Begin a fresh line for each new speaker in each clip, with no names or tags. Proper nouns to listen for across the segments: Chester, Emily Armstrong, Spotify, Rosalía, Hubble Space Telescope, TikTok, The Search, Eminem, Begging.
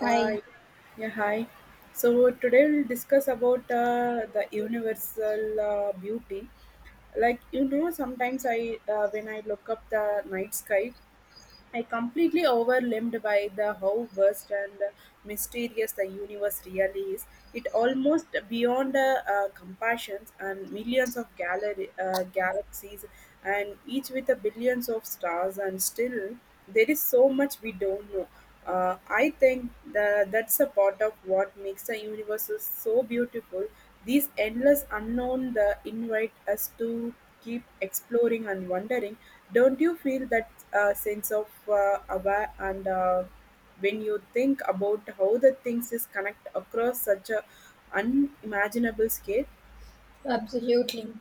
Hi,
yeah, hi. So today we'll discuss about the universal beauty. Sometimes I when I look up the night sky, I completely overwhelmed by the how vast and mysterious the universe really is. It almost beyond compassions and millions of galaxies, and each with a billions of stars, and still there is so much we don't know I think that's a part of what makes the universe is so beautiful. These endless unknown that invite us to keep exploring and wondering. Don't you feel that sense of aware and when you think about how the things is connect across such a unimaginable scale?
absolutely.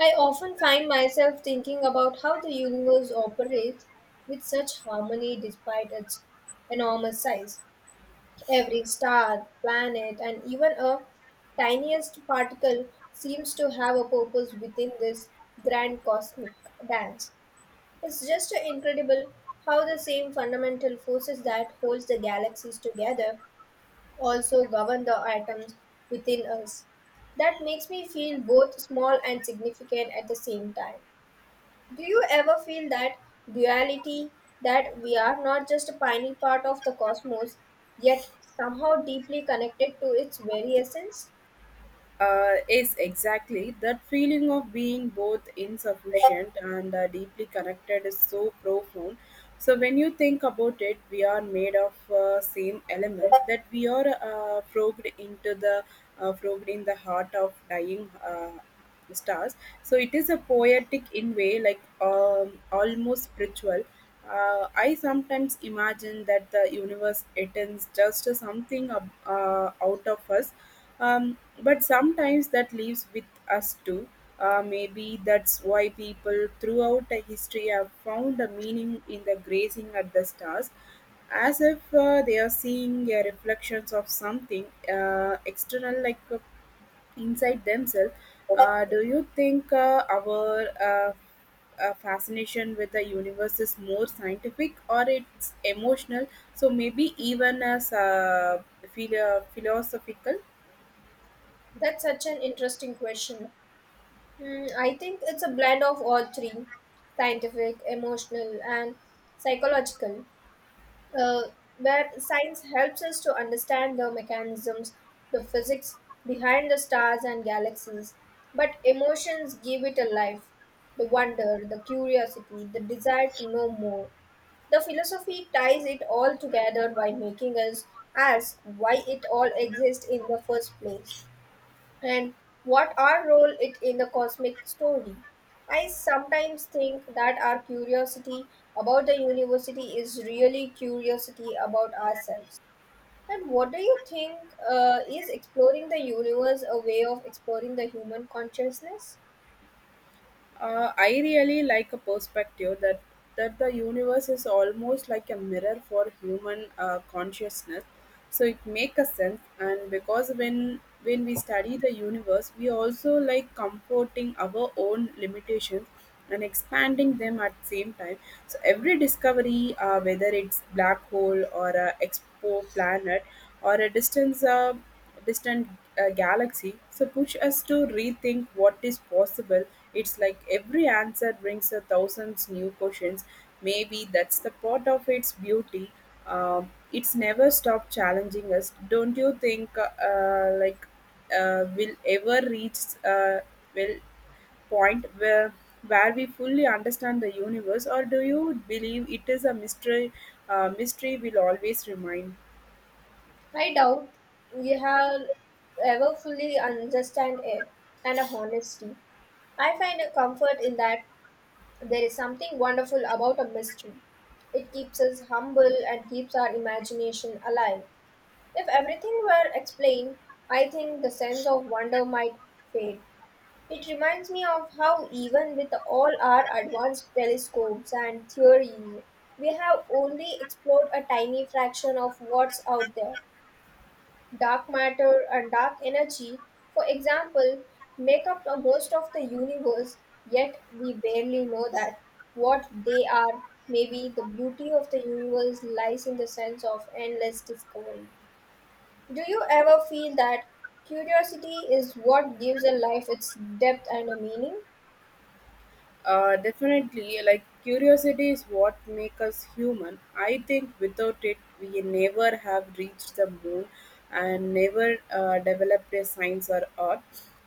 I often find myself thinking about how the universe operates with such harmony despite its enormous size. Every star, planet, and even a tiniest particle seems to have a purpose within this grand cosmic dance. It's just incredible how the same fundamental forces that holds the galaxies together also govern the atoms within us. That makes me feel both small and significant at the same time. Do you ever feel that duality that we are not just a tiny part of the cosmos, yet somehow deeply connected to its very essence?
Is exactly that feeling of being both insufficient and deeply connected is so profound. So when you think about it, we are made of same element that we are probed in the heart of dying stars. So it is a poetic in way, like almost spiritual. I sometimes imagine that the universe attends just something out of us, but sometimes that leaves with us too. Maybe that's why people throughout the history have found a meaning in the grazing at the stars, as if they are seeing reflections of something external, like inside themselves. Do you think our fascination with the universe is more scientific or it's emotional? So maybe even as philosophical.
That's such an interesting question. Hmm, I think it's a blend of all three scientific, emotional, and psychological. uh, where science helps us to understand the mechanisms, the physics behind the stars and galaxies. But emotions give it a life the wonder, the curiosity, the desire to know more. The philosophy ties it all together by making us ask why it all exists in the first place and what our role it in the cosmic story. I sometimes think that our curiosity about the university is really curiosity about ourselves. And what do you think, is exploring the universe a way of exploring the human consciousness?
I really like a perspective that the universe is almost like a mirror for human consciousness. So it makes a sense, and because when we study the universe, we also like comforting our own limitations and expanding them at the same time. So every discovery, whether it's black hole or a expo planet or a distance. Distant galaxy, so push us to rethink what is possible. It's like every answer brings a thousands new questions. Maybe that's the part of its beauty. It's never stopped challenging us. Don't you think, like, will ever reach uh, will point where we fully understand the universe, or do you believe it is a mystery? Mystery will always remain?
I doubt we have ever fully understand it and a honesty. I find a comfort in that. There is something wonderful about a mystery. It keeps us humble and keeps our imagination alive. If everything were explained, I think the sense of wonder might fade. It reminds me of how, even with all our advanced telescopes and theories, we have only explored a tiny fraction of what's out there. Dark matter and dark energy, for example, make up the most of the universe, yet we barely know that. What they are, maybe the beauty of the universe lies in the sense of endless discovery. Do you ever feel that curiosity is what gives a life its depth and a meaning?
Definitely, like curiosity is what makes us human. I think without it, we never have reached the moon and never developed a science or art.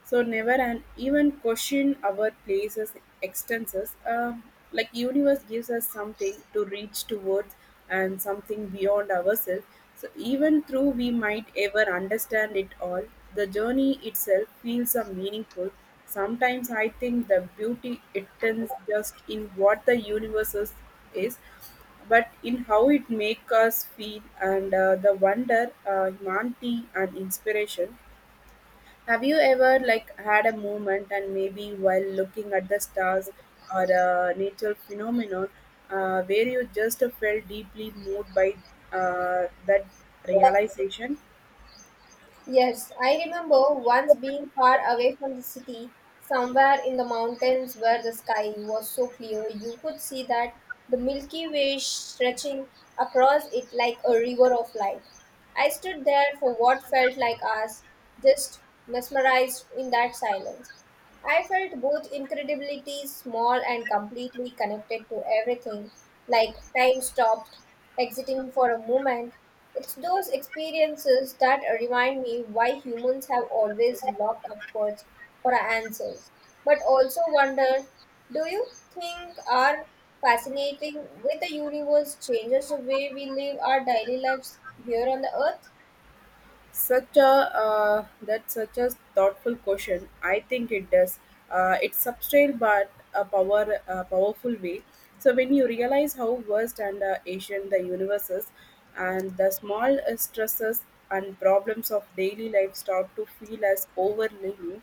So never and even question our places, extenses. Like universe gives us something to reach towards and something beyond ourselves. So even though we might ever understand it all, the journey itself feels a meaningful. Sometimes I think the beauty it turns just in what the universe is, but in how it makes us feel and the wonder, humanity and inspiration. Have you ever like had a moment and maybe while looking at the stars or a natural phenomenon where you just felt deeply moved by that realization?
Yes, I remember once being far away from the city, somewhere in the mountains where the sky was so clear you could see that the Milky Way stretching across it like a river of light. I stood there for what felt like hours, just mesmerized in that silence. I felt both incredibility small and completely connected to everything, like time stopped, exiting for a moment. It's those experiences that remind me why humans have always looked upwards for our answers. But also wonder, do you think our fascinating with the universe changes the way we live our daily lives here on the earth?
Such a that's such a thoughtful question. I think it does. It's subtle but a powerful way. So when you realize how vast and Asian the universe is, and the small stresses and problems of daily life start to feel as overwhelming,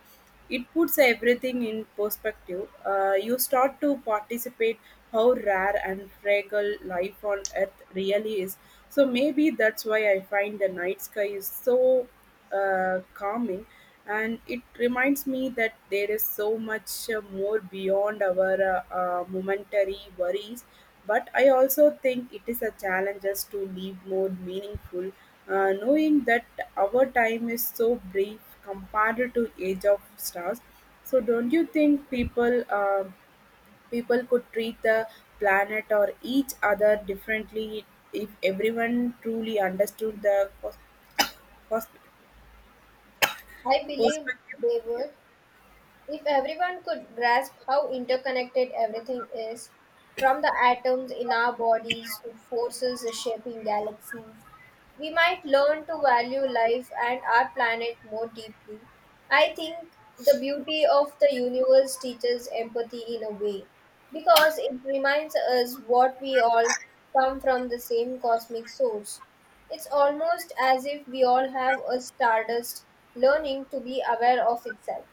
it puts everything in perspective. You start to participate how rare and fragile life on earth really is. So maybe that's why I find the night sky is so calming and it reminds me that there is so much more beyond our momentary worries, but I also think it is a challenge us to live more meaningful, knowing that our time is so brief compared to age of stars. So don't you think people could treat the planet or each other differently if everyone truly understood the pers-
I believe
perspective.
they
Yeah.
would. If everyone could grasp how interconnected everything is, from the atoms in our bodies to forces shaping galaxies, we might learn to value life and our planet more deeply. I think the beauty of the universe teaches empathy in a way, because it reminds us what we all come from the same cosmic source. It's almost as if we all have a stardust learning to be aware of itself.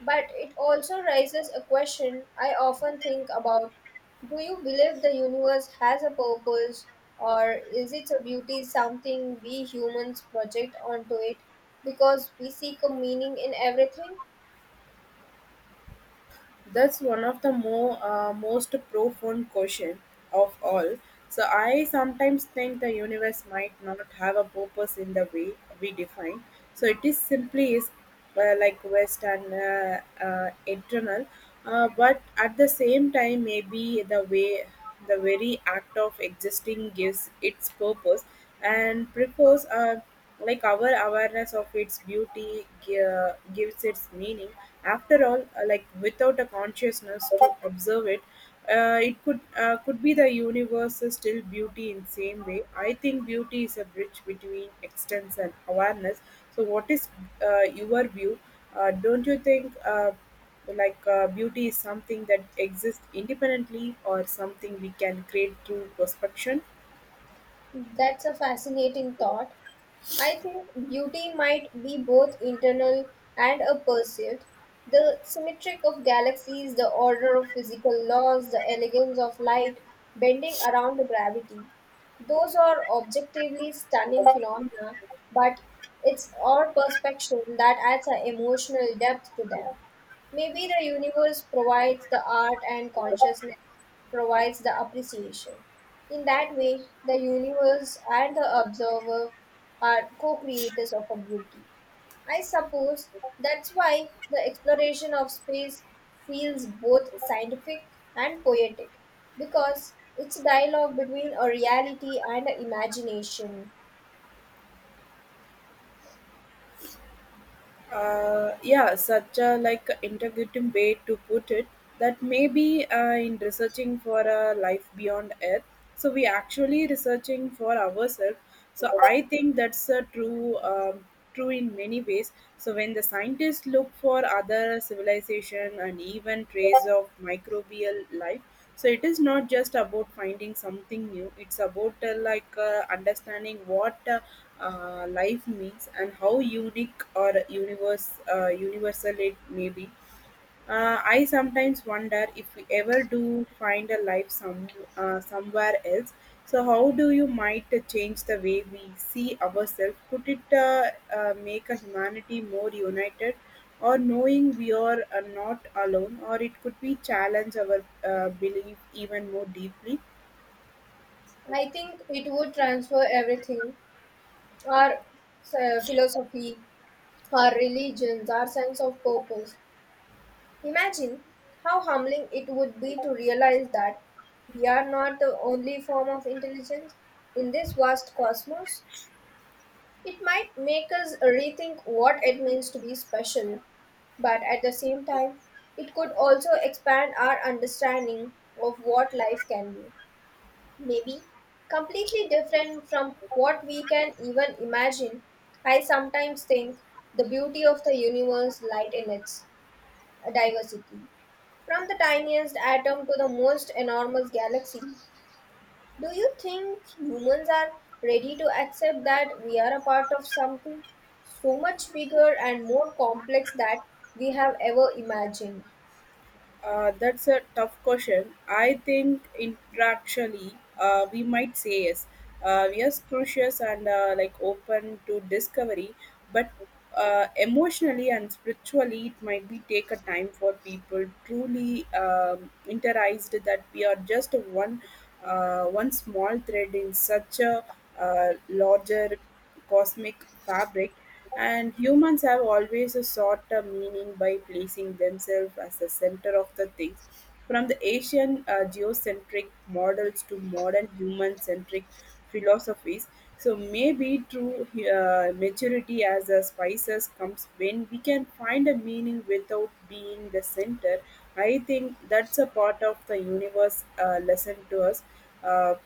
But it also raises a question I often think about. Do you believe the universe has a purpose, or is its beauty something we humans project onto it because we seek a meaning in everything?
That's one of the more most profound question of all. So I sometimes think the universe might not have a purpose in the way we define. So it is simply is like west and eternal, but at the same time, maybe the way the very act of existing gives its purpose and prefers like our awareness of its beauty gives its meaning. After all, like without a consciousness to observe it, it could be the universe is still beauty in same way. I think beauty is a bridge between extents and awareness. So, what is your view? Don't you think like beauty is something that exists independently or something we can create through perception?
That's a fascinating thought. I think beauty might be both internal and a perceived. The symmetric of galaxies, the order of physical laws, the elegance of light bending around the gravity. Those are objectively stunning phenomena, but it's our perception that adds an emotional depth to them. Maybe the universe provides the art and consciousness provides the appreciation. In that way, the universe and the observer are co creators of a beauty. I suppose that's why the exploration of space feels both scientific and poetic, because it's a dialogue between a reality and an imagination.
Yeah, such a like integrative way to put it that maybe in researching for a life beyond earth, so we actually researching for ourselves. So I think that's a true in many ways. So when the scientists look for other civilization and even trace of microbial life, so it is not just about finding something new. It's about like understanding what life means and how unique or universe universal it may be. I sometimes wonder if we ever do find a somewhere else. So, how do you might change the way we see ourselves? Could it make a humanity more united, or knowing we are not alone, or it could be challenge our belief even more deeply?
I think it would transfer everything our philosophy, our religions, our sense of purpose. Imagine how humbling it would be to realize that we are not the only form of intelligence in this vast cosmos. It might make us rethink what it means to be special, but at the same time, it could also expand our understanding of what life can be. Maybe completely different from what we can even imagine. I sometimes think the beauty of the universe lies in its diversity. From the tiniest atom to the most enormous galaxy, do you think humans are ready to accept that we are a part of something so much bigger and more complex that we have ever imagined?
That's a tough question. I think interactually, we might say yes. We are curious and like open to discovery, but emotionally and spiritually, it might be take a time for people truly interiorized that we are just one small thread in such a larger cosmic fabric, and humans have always sought a meaning by placing themselves as the center of the things. From the Asian geocentric models to modern human centric philosophies, so maybe true maturity as a spices comes when we can find a meaning without being the center. I think that's a part of the universe lesson to us. Uh,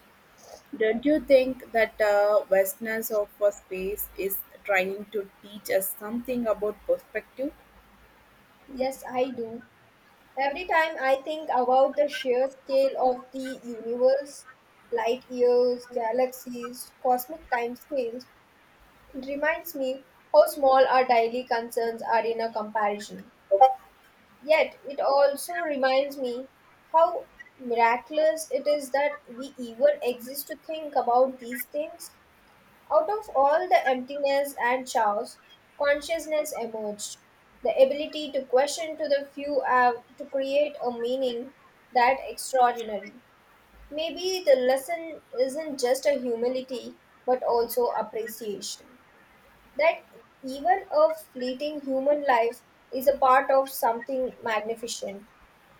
don't you think that vastness of a space is trying to teach us something about perspective?
Yes, I do. Every time I think about the sheer scale of the universe, light years, galaxies, cosmic time scales, it reminds me how small our daily concerns are in a comparison. Yet it also reminds me how miraculous it is that we even exist to think about these things. Out of all the emptiness and chaos, consciousness emerged. The ability to question to the few to create a meaning that extraordinary. Maybe the lesson isn't just a humility but also appreciation that even a fleeting human life is a part of something magnificent.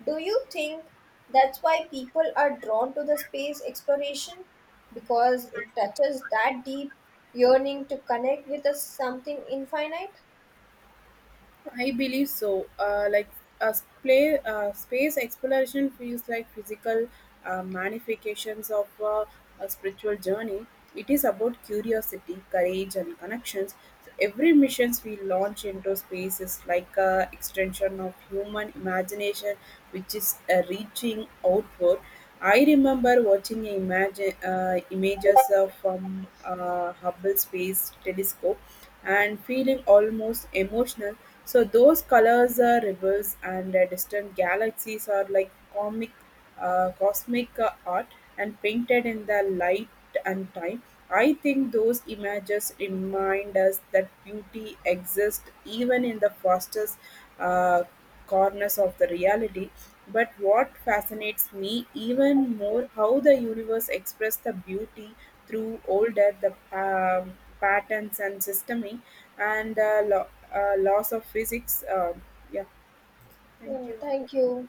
Do you think that's why people are drawn to the space exploration? Because it touches that deep yearning to connect with a something infinite?
I believe so. Like a play, space exploration feels like physical manifestations of a spiritual journey. It is about curiosity, courage, and connections. So every missions we launch into space is like a extension of human imagination, which is reaching outward. I remember watching imagine, images from Hubble Space Telescope and feeling almost emotional. So those colors are rebels and distant galaxies are like cosmic art and painted in the light and time. I think those images remind us that beauty exists even in the fastest uh, corners of the reality, but what fascinates me even more how the universe expressed the beauty through older the patterns and systeming and laws of physics. Yeah, thank
Yeah,
you.
thank you.